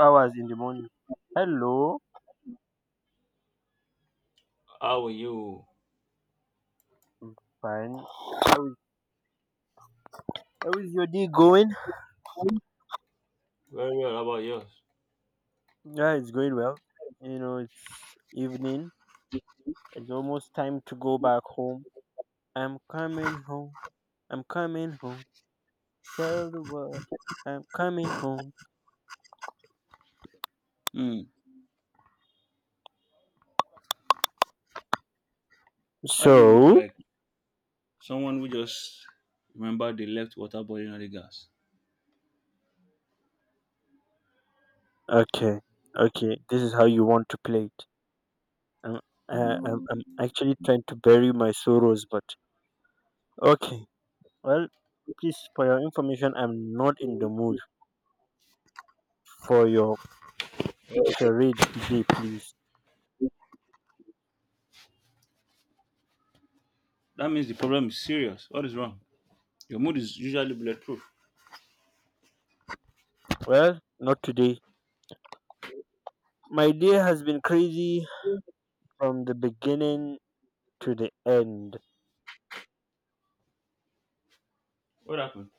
Hours in the morning. Hello, How are you? I'm fine. How is, how is your day going? Very well. How about yours? Yeah, it's going well. You know, it's evening. It's almost time to go back home. I'm coming home. I'm coming home. Tell the world I'm coming home. Hmm. How do you look So, like someone who just remember they left water boiling on the gas? okay, okay, this is how you want to play it. I'm, I'm actually trying to bury my sorrows, but okay. Well, please, for your information, I'm not in the mood for your charade today, please? That means the problem is serious. What is wrong? Your mood is usually bulletproof. Well, not today. My day has been crazy from the beginning to the end. What happened?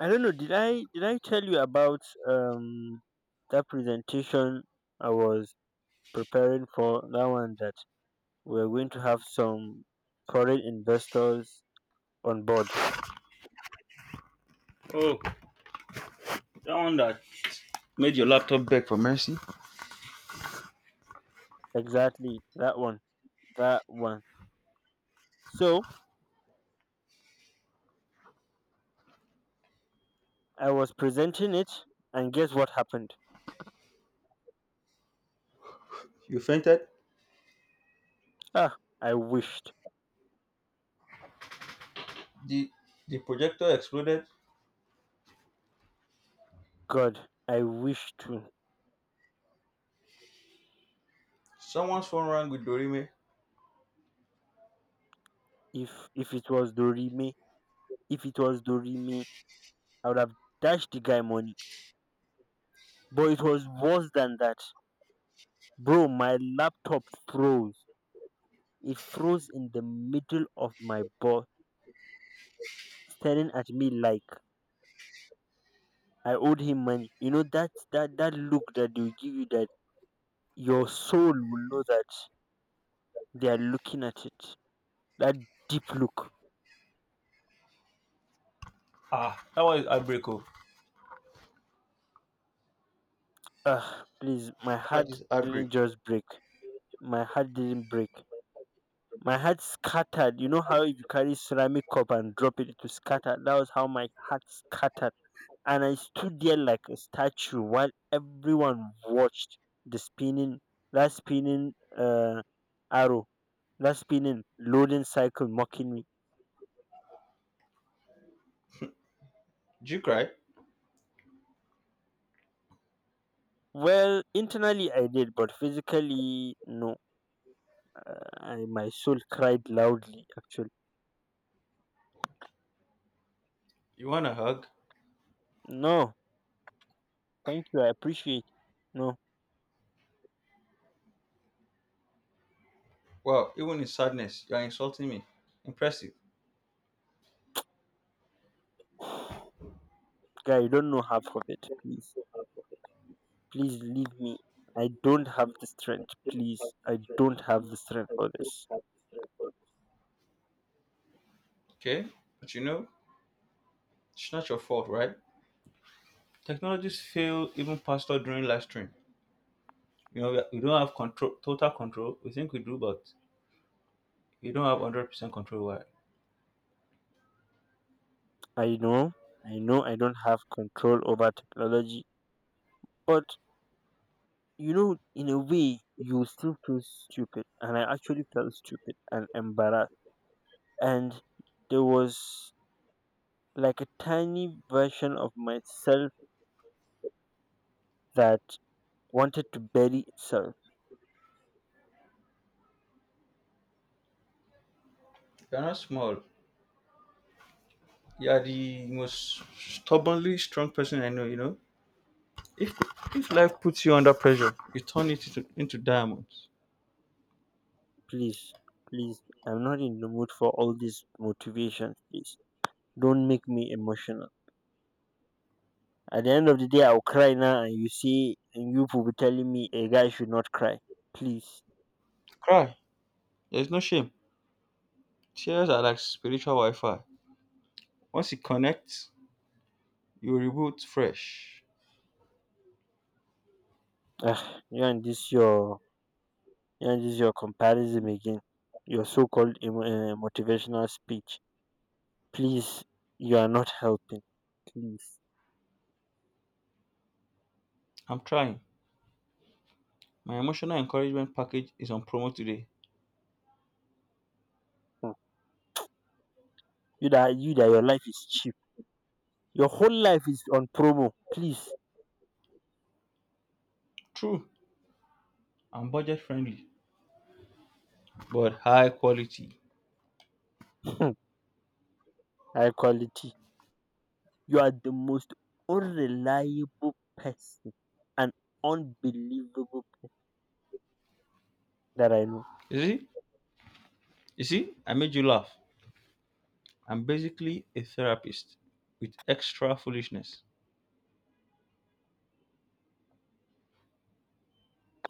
I don't know. Did I tell you about um that presentation I was preparing for? That one that we're going to have some foreign investors on board. Oh, that one that made your laptop beg for mercy. Exactly that one. That one. So I was presenting it, and guess what happened? You fainted. Ah, I wished. The the projector exploded. God, I wished to. Someone's phone rang with Dorime. If it was Dorime, if it was Dorime, I would have dashed the guy money. But it was worse than that. Bro, my laptop froze. It froze in the middle of my boss staring at me like I owed him money. You know that look that they will give you, that your soul will know that they are looking at it. That deep look. Ah, that was heartbreak. Oh. Ah, please, my That heart is heartbreak. didn't just break. My heart didn't break. My heart scattered. You know how if you carry ceramic cup and drop it, it will scatter. That was how my heart scattered. And I stood there like a statue while everyone watched the spinning, that spinning arrow, that spinning loading cycle mocking me. Did you cry? Well, internally I did, but physically, no. My soul cried loudly, actually. You want a hug? No, thank you. I appreciate. No, Wow, even in sadness, you are insulting me. Impressive. guy, you don't know half of it, please. Please leave me. I don't have the strength, please. I don't have the strength for this. Okay, but you know, it's not your fault, right? Technologies fail even faster during live stream. You know, we don't have control, total control. We think we do, but you don't have 100% control. Why? I know, I know, I don't have control over technology, but you know, in a way you still feel stupid, and I actually felt stupid and embarrassed, and there was like a tiny version of myself that wanted to bury itself. You're not small. You're the most stubbornly strong person I know. You know, if if life puts you under pressure, you turn it into diamonds. Please, please, I'm not in the mood for all this motivation, please. Don't make me emotional. At the end of the day, I'll cry now, and you see, and you will be telling me a guy should not cry. Please, Cry. There's no shame. Tears are like spiritual Wi-Fi. Once it connects, you reboot fresh. ugh, you and this your comparison again. Your so-called motivational speech. Please, you are not helping. Please. I'm trying. My emotional encouragement package is on promo today. Hmm. You that your life is cheap. Your whole life is on promo. Please. True, and budget friendly but high quality. Hmm. High quality. You are the most unreliable person, an unbelievable person that I know. You see, you see, I made you laugh. I'm basically a therapist with extra foolishness.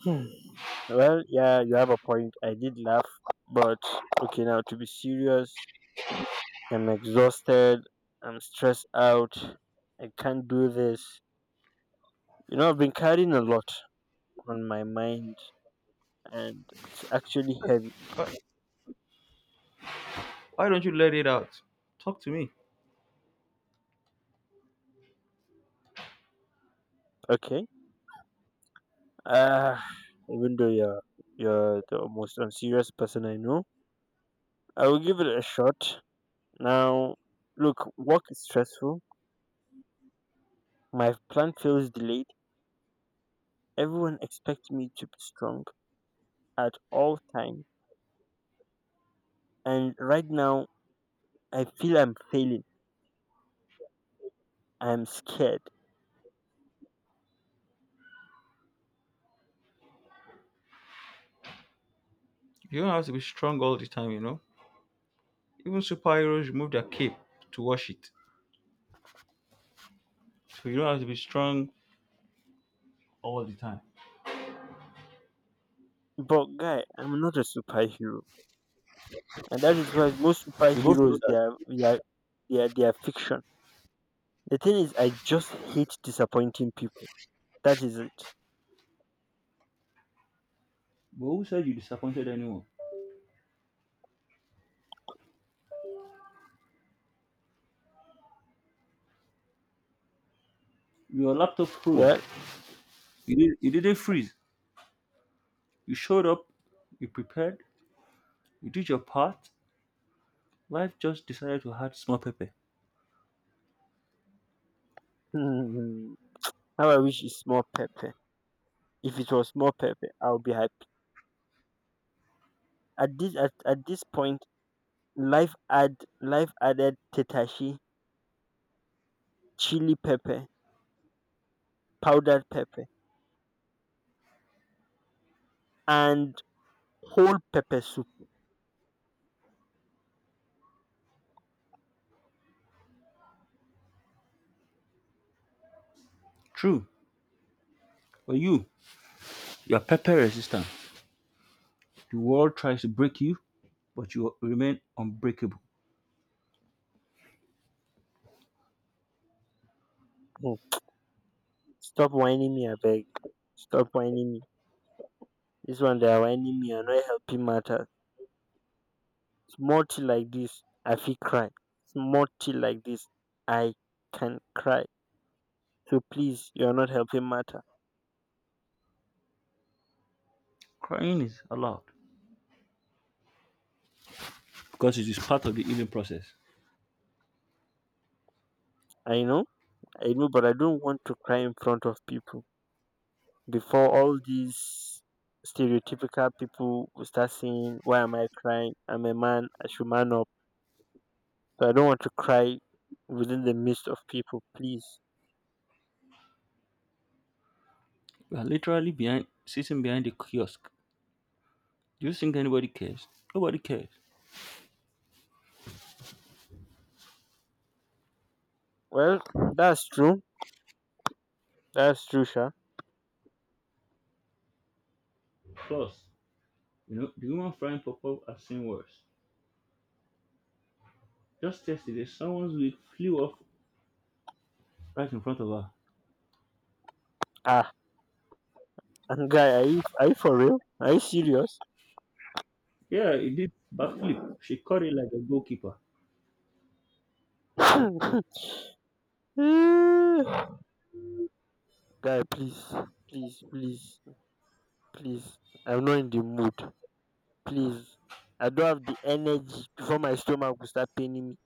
Hmm. Well, yeah, you have a point. I did laugh, but okay, now to be serious, I'm exhausted. I'm stressed out. I can't do this. You know, I've been carrying a lot on my mind, and it's actually heavy. Why, why don't you let it out? Talk to me. Okay, uh, even though you're the most unserious person I know, I will give it a shot. Now, look, work is stressful. My plan feels delayed. Everyone expects me to be strong at all times, and right now I feel I'm failing. I'm scared. You don't have to be strong all the time, you know. Even superheroes remove their cape to wash it, so you don't have to be strong all the time. But guy, I'm not a superhero. And that is why most We both know superheroes they are that. they are they are, they are fiction. The thing is I just hate disappointing people. That is it. But who said you disappointed anyone? Your laptop froze. Well, You didn't freeze. You showed up. You prepared. You did your part. Life just decided to add small pepper. hmm, how I wish it's more pepper. If it was more pepper, I'll be happy. At this point, life add life added tetashi, chili pepper, powdered pepper, and whole pepper soup. True, but you are pepper resistant. The world tries to break you, but you remain unbreakable. Stop whining me abeg. Stop whining me. This one they are whining me. You're not helping matter. Small tea like this, I feel cry. Small tea like this, I can cry. So please, you are not helping matter. Crying is allowed because it is part of the healing process. I know, I know, but I don't want to cry in front of people before all these stereotypical people will start saying why am I crying? I'm a man, I should man up. So I don't want to cry within the midst of people, please. You are literally behind, sitting behind the kiosk. Do you think anybody cares? Nobody cares. Well, that's true, that's true sha. Plus, you know, the woman frying pop-up has seen worse. Just yesterday, someone's wig flew off right in front of her. Ah, guy, are you for real? Are you serious? Yeah, it did backflip. She caught it like a goalkeeper. Guy, please, please, please, please. I'm not in the mood. Please, I don't have the energy before my stomach will start paining me.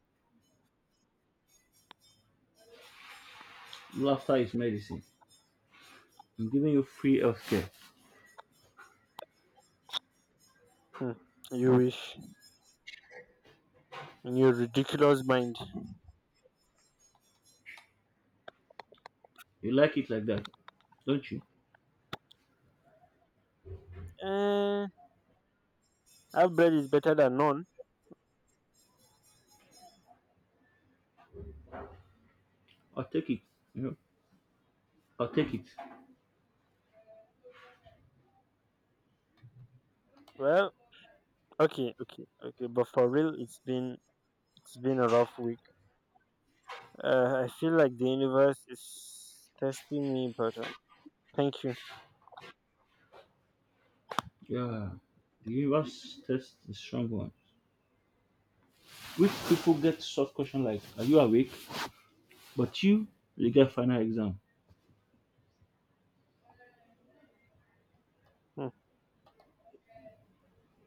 Laughter is medicine. I'm giving you free healthcare. Hmm, you wish in your ridiculous mind. You like it like that, don't you? Uh, Half bread is better than none. I'll take it. You know, I'll take it. Well, okay, okay, okay. But for real, it's been a rough week. I feel like the universe is testing me, but thank you. Yeah. The universe tests the strong ones. Which people get soft question like, are you awake? But you get final exam. Hmm.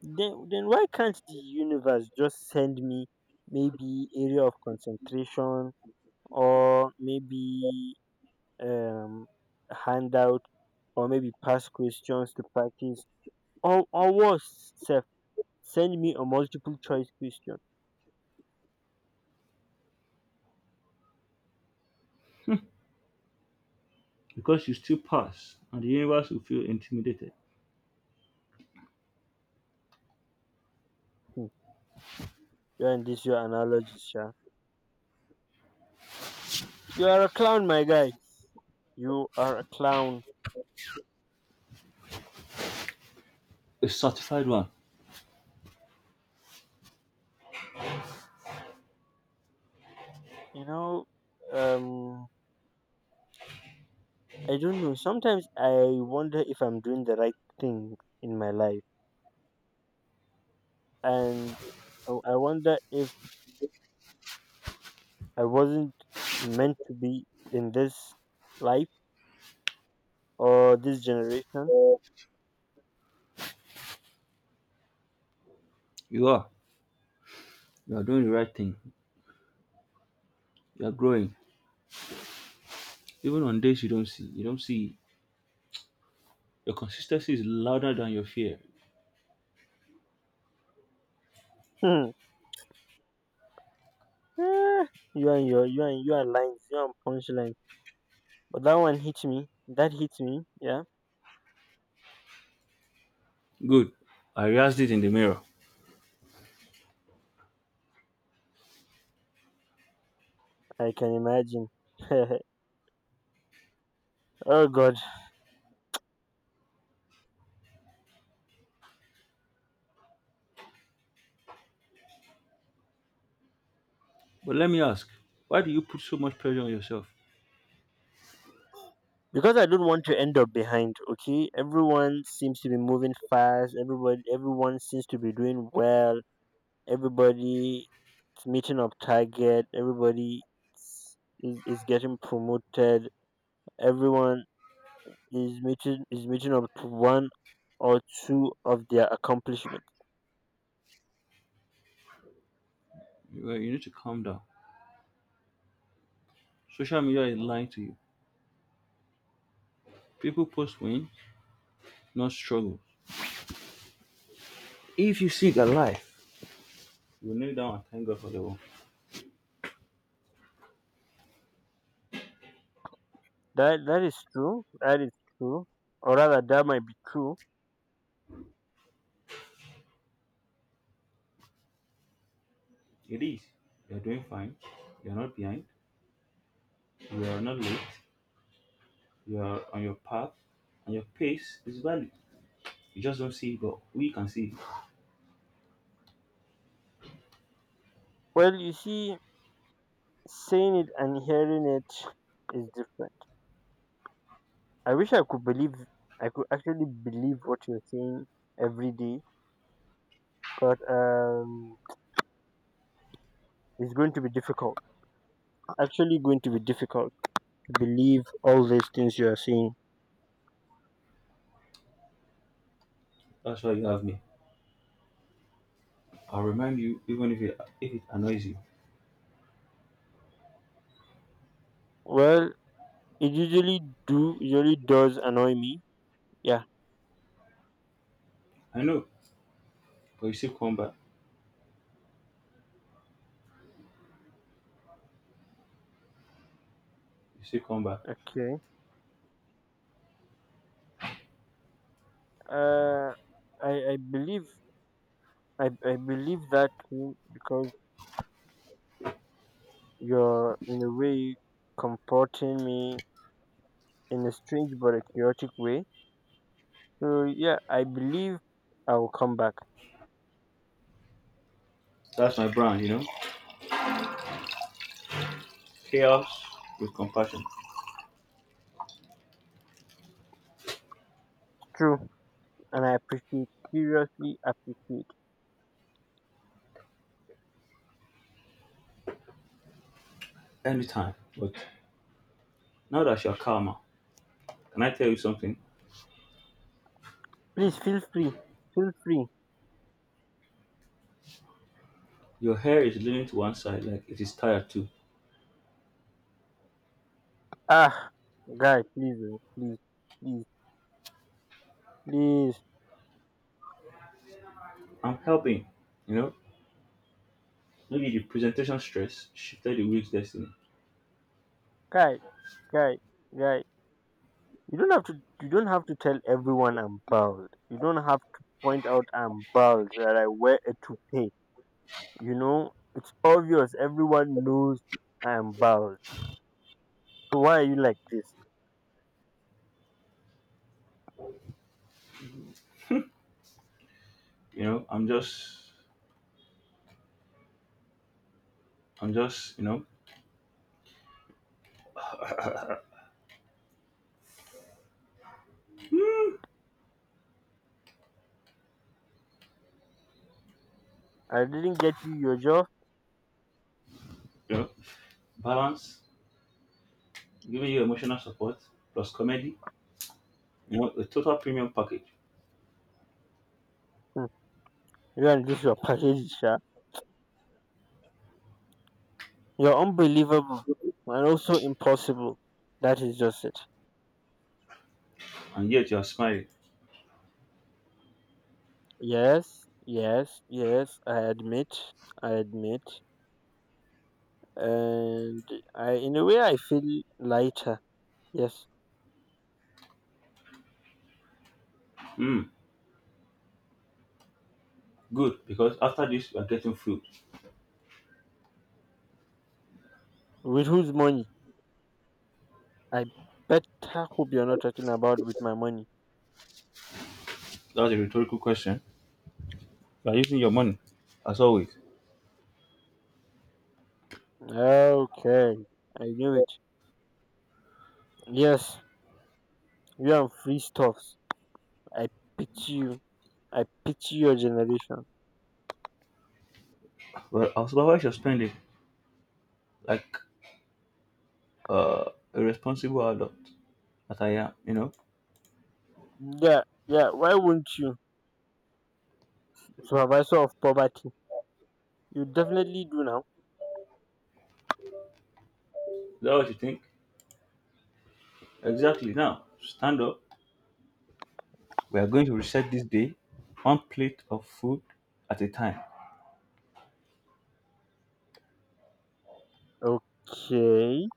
Then why can't the universe just send me maybe area of concentration, or maybe um handout, or maybe past questions to practice, or worse self, send me a multiple choice question. Because you still pass and the universe will feel intimidated. Hmm, you and this your analogies, yeah. You are a clown, my guy. You are a clown. A certified one. You know, um, I don't know. Sometimes I wonder if I'm doing the right thing in my life, and I wonder if I wasn't meant to be in this life or this generation. You are. You are doing the right thing. You are growing. Even on days you don't see. You don't see. Your consistency is louder than your fear. Hmm. Eh, You and your, you and you are lines, you and punchline. But that one hit me. That hit me. Yeah. Good. I realized it in the mirror. I can imagine. Oh god. But let me ask, why do you put so much pressure on yourself? Because I don't want to end up behind, okay? Everyone seems to be moving fast, everybody everyone seems to be doing well, everybody is meeting up target, everybody is getting promoted, everyone is meeting up to one or two of their accomplishments. You you need to calm down. Social media is lying to you. People post win, not struggle. If you seek a life, you kneel down and thank God for the one. That is true. That is true. Or rather that might be true. It is. You're doing fine. You're not behind. You are not late. You are on your path, and your pace is valid. You just don't see it, but we can see it. Well, you see, saying it and hearing it is different. I wish I could believe, I could actually believe what you're saying every day, but it's going to be difficult. Actually, going to be difficult to believe all these things you are saying. That's why you have me. I'll remind you, even if it annoys you. Well, it usually does annoy me. Yeah. I know, but you still come back. You still come back. Okay. Uh, I I believe I believe that too because you're in a way comforting me in a strange but a chaotic way. So yeah, I believe I will come back. That's my brand, you know. Chaos with compassion. True, and I appreciate, seriously appreciate. Anytime. But now that you're calmer, can I tell you something? Please feel free, feel free. Your hair is leaning to one side like it is tired too. Ah, guy, please, oh, please, please, please, I'm helping, you know. Maybe the presentation stress shifted the week's destiny. guy, guy, guy. You don't have to. You don't have to tell everyone I'm bald. You don't have to point out I'm bald, that I wear a toupee. You know, it's obvious. Everyone knows I am bald. So why are you like this? You know, I'm just, you know, I didn't get you your job. you know, balance, giving you emotional support plus comedy, you know, a total premium package. Hmm, you and this your package, sha. You're unbelievable and also impossible. That is just it. And yet you are smiling. Yes, yes, yes, I admit, I admit. And I, in a way, I feel lighter. Yes. Hmm, good, because after this you are getting food. With whose money? I better hope you're not talking about with my money. That's a rhetorical question. You are using your money, as always. Okay, I knew it. Yes, you are free stuffs. I pity you. I pity your generation. Well, I'll supervise your spending like uh, a responsible adult that I am, you know. Yeah, yeah, why won't you? Supervisor of poverty. You definitely do now. Is that what you think? Exactly. Now, stand up, we are going to reset this day, one plate of food at a time. Okay,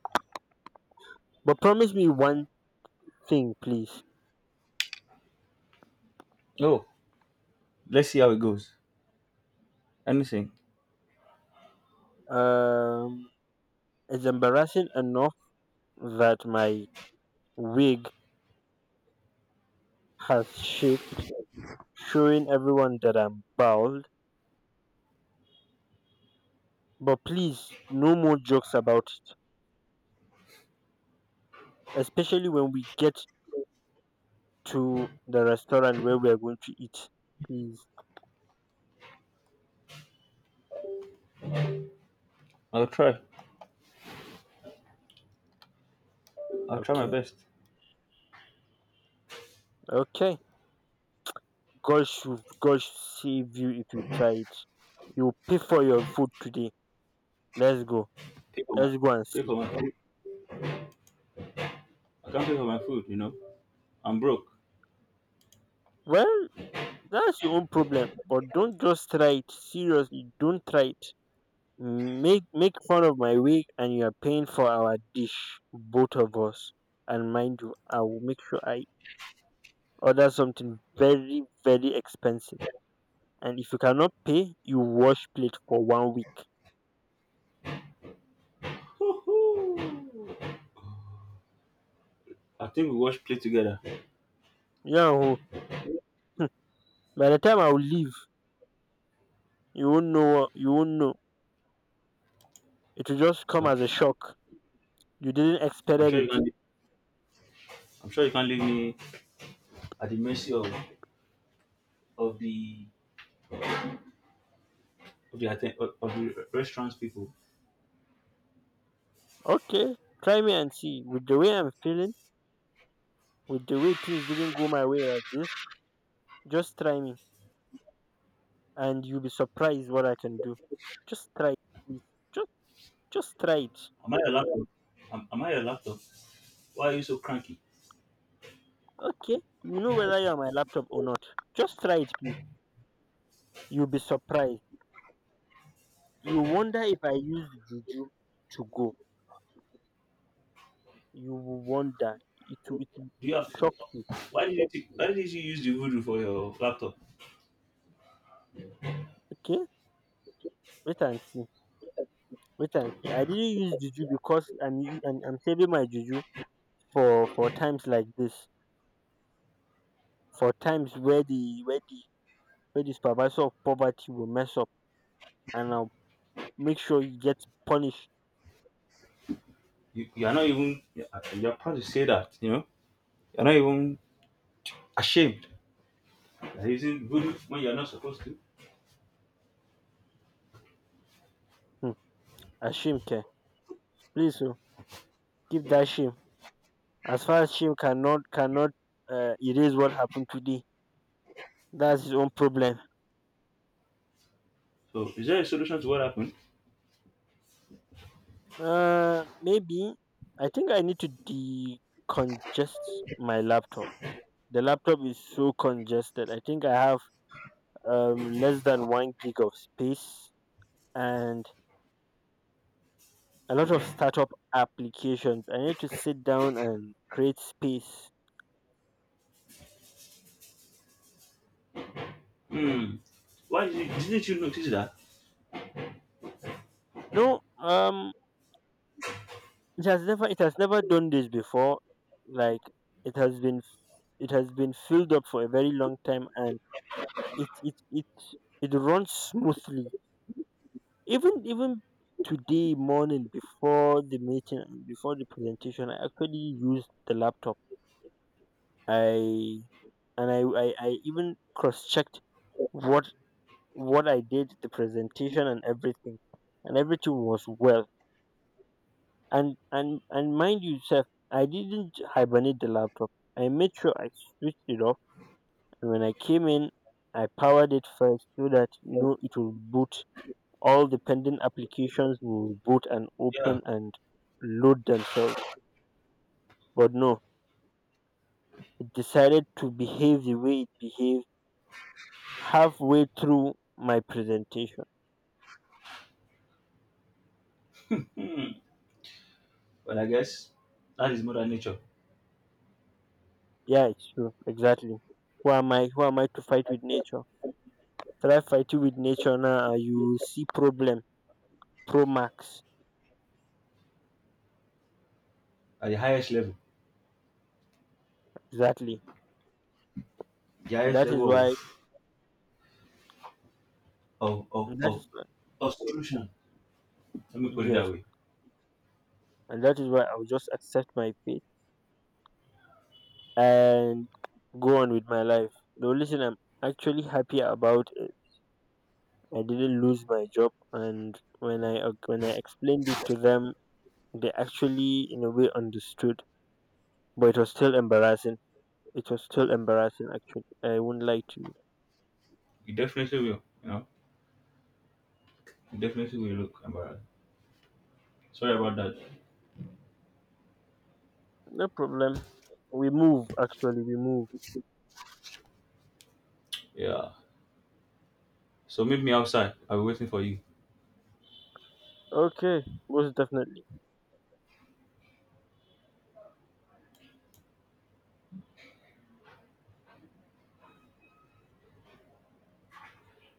but promise me one thing, please. Oh, let's see how it goes. Anything. Um, it's embarrassing enough that my wig has shaped, showing everyone that I'm bald. But please, no more jokes about it, especially when we get to the restaurant where we are going to eat. Please. I'll try. I'll try my Okay. best. Okay. God should save you if you try it. You pay for your food today. Let's go. Pay for my Let's go and pay see. for my food. I can't pay for my food, you know. I'm broke. Well. That's your own problem, but don't just try it. Seriously, don't try it. Make fun of my wig, and you are paying for our dish, both of us. And mind you, I will make sure I order something very very expensive. And if you cannot pay, you wash plate for one week. Hoo, I think we watch play together. Yeah. Oh. By the time I will leave, you won't know. You won't know. It will just come Well, as a shock. You didn't expect I'm sure you it. can't. leave- I'm sure you can't leave me at the mercy of of the of the restaurants people. Okay, try me and see. With the way I'm feeling. With the way things didn't go my way like this, just try me and you'll be surprised what I can do. Just try it, please. Just just try it. Am I your laptop? Am I your laptop? Why are you so cranky? Okay? You know whether you're my laptop or not. Just try it, please. You'll be surprised. You wonder if I use juju to go. You will wonder. It will, it will, Do it you will have? shock you. Why did you use the voodoo for your laptop? Okay? Wait and see. Wait and see. I didn't use juju because I'm saving my juju for times like this. For times where the make the supervisor of poverty will mess up, and I'll make sure you get punished. You are not even. You're proud to say that. You know. You're not even ashamed. You're using voodoo when you're not supposed to. Hmm. Ashim care. Please oh, keep that shame. As far as shame cannot erase what happened today, that's his own problem. So is there a solution to what happened? Maybe I think I need to decongest my laptop. The laptop is so congested. I think I have less than one gig of space and a lot of startup applications. I need to sit down and create space. Hmm. Didn't you notice that? No, it has never done this before. Like it has been it has been filled up for a very long time, and it it it it runs smoothly. Even today morning before the meeting and before the presentation, I actually used the laptop. I and I I even cross checked what what I did, the presentation and everything was well. And mind you sir, I didn't hibernate the laptop. I made sure I switched it off, and when I came in, I powered it first so that you know it will boot, all the pending applications will boot and Yeah. open and load themselves, but no, it decided to behave the way it behaved halfway through my presentation. Hmm. But I guess that is mother nature Yeah, it's true, exactly. Who am I to fight with nature? Try fighting with nature now and you will see problem pro max. at the highest level. Exactly. The highest That is level why of that of is why- a solution. Let me put it that yes, way. and that is why I'll just accept my fate and go on with my life. The only thing I'm actually happy about is I didn't lose my job, and when I explained it to them, they actually in a way understood. But it was still embarrassing. It was still embarrassing. Actually, I wouldn't lie to you. You definitely will. You know, you definitely will look embarrassed. Sorry about that. No problem. We move. Actually, we move. Yeah. So meet me outside. I'll be waiting for you. Okay, most definitely.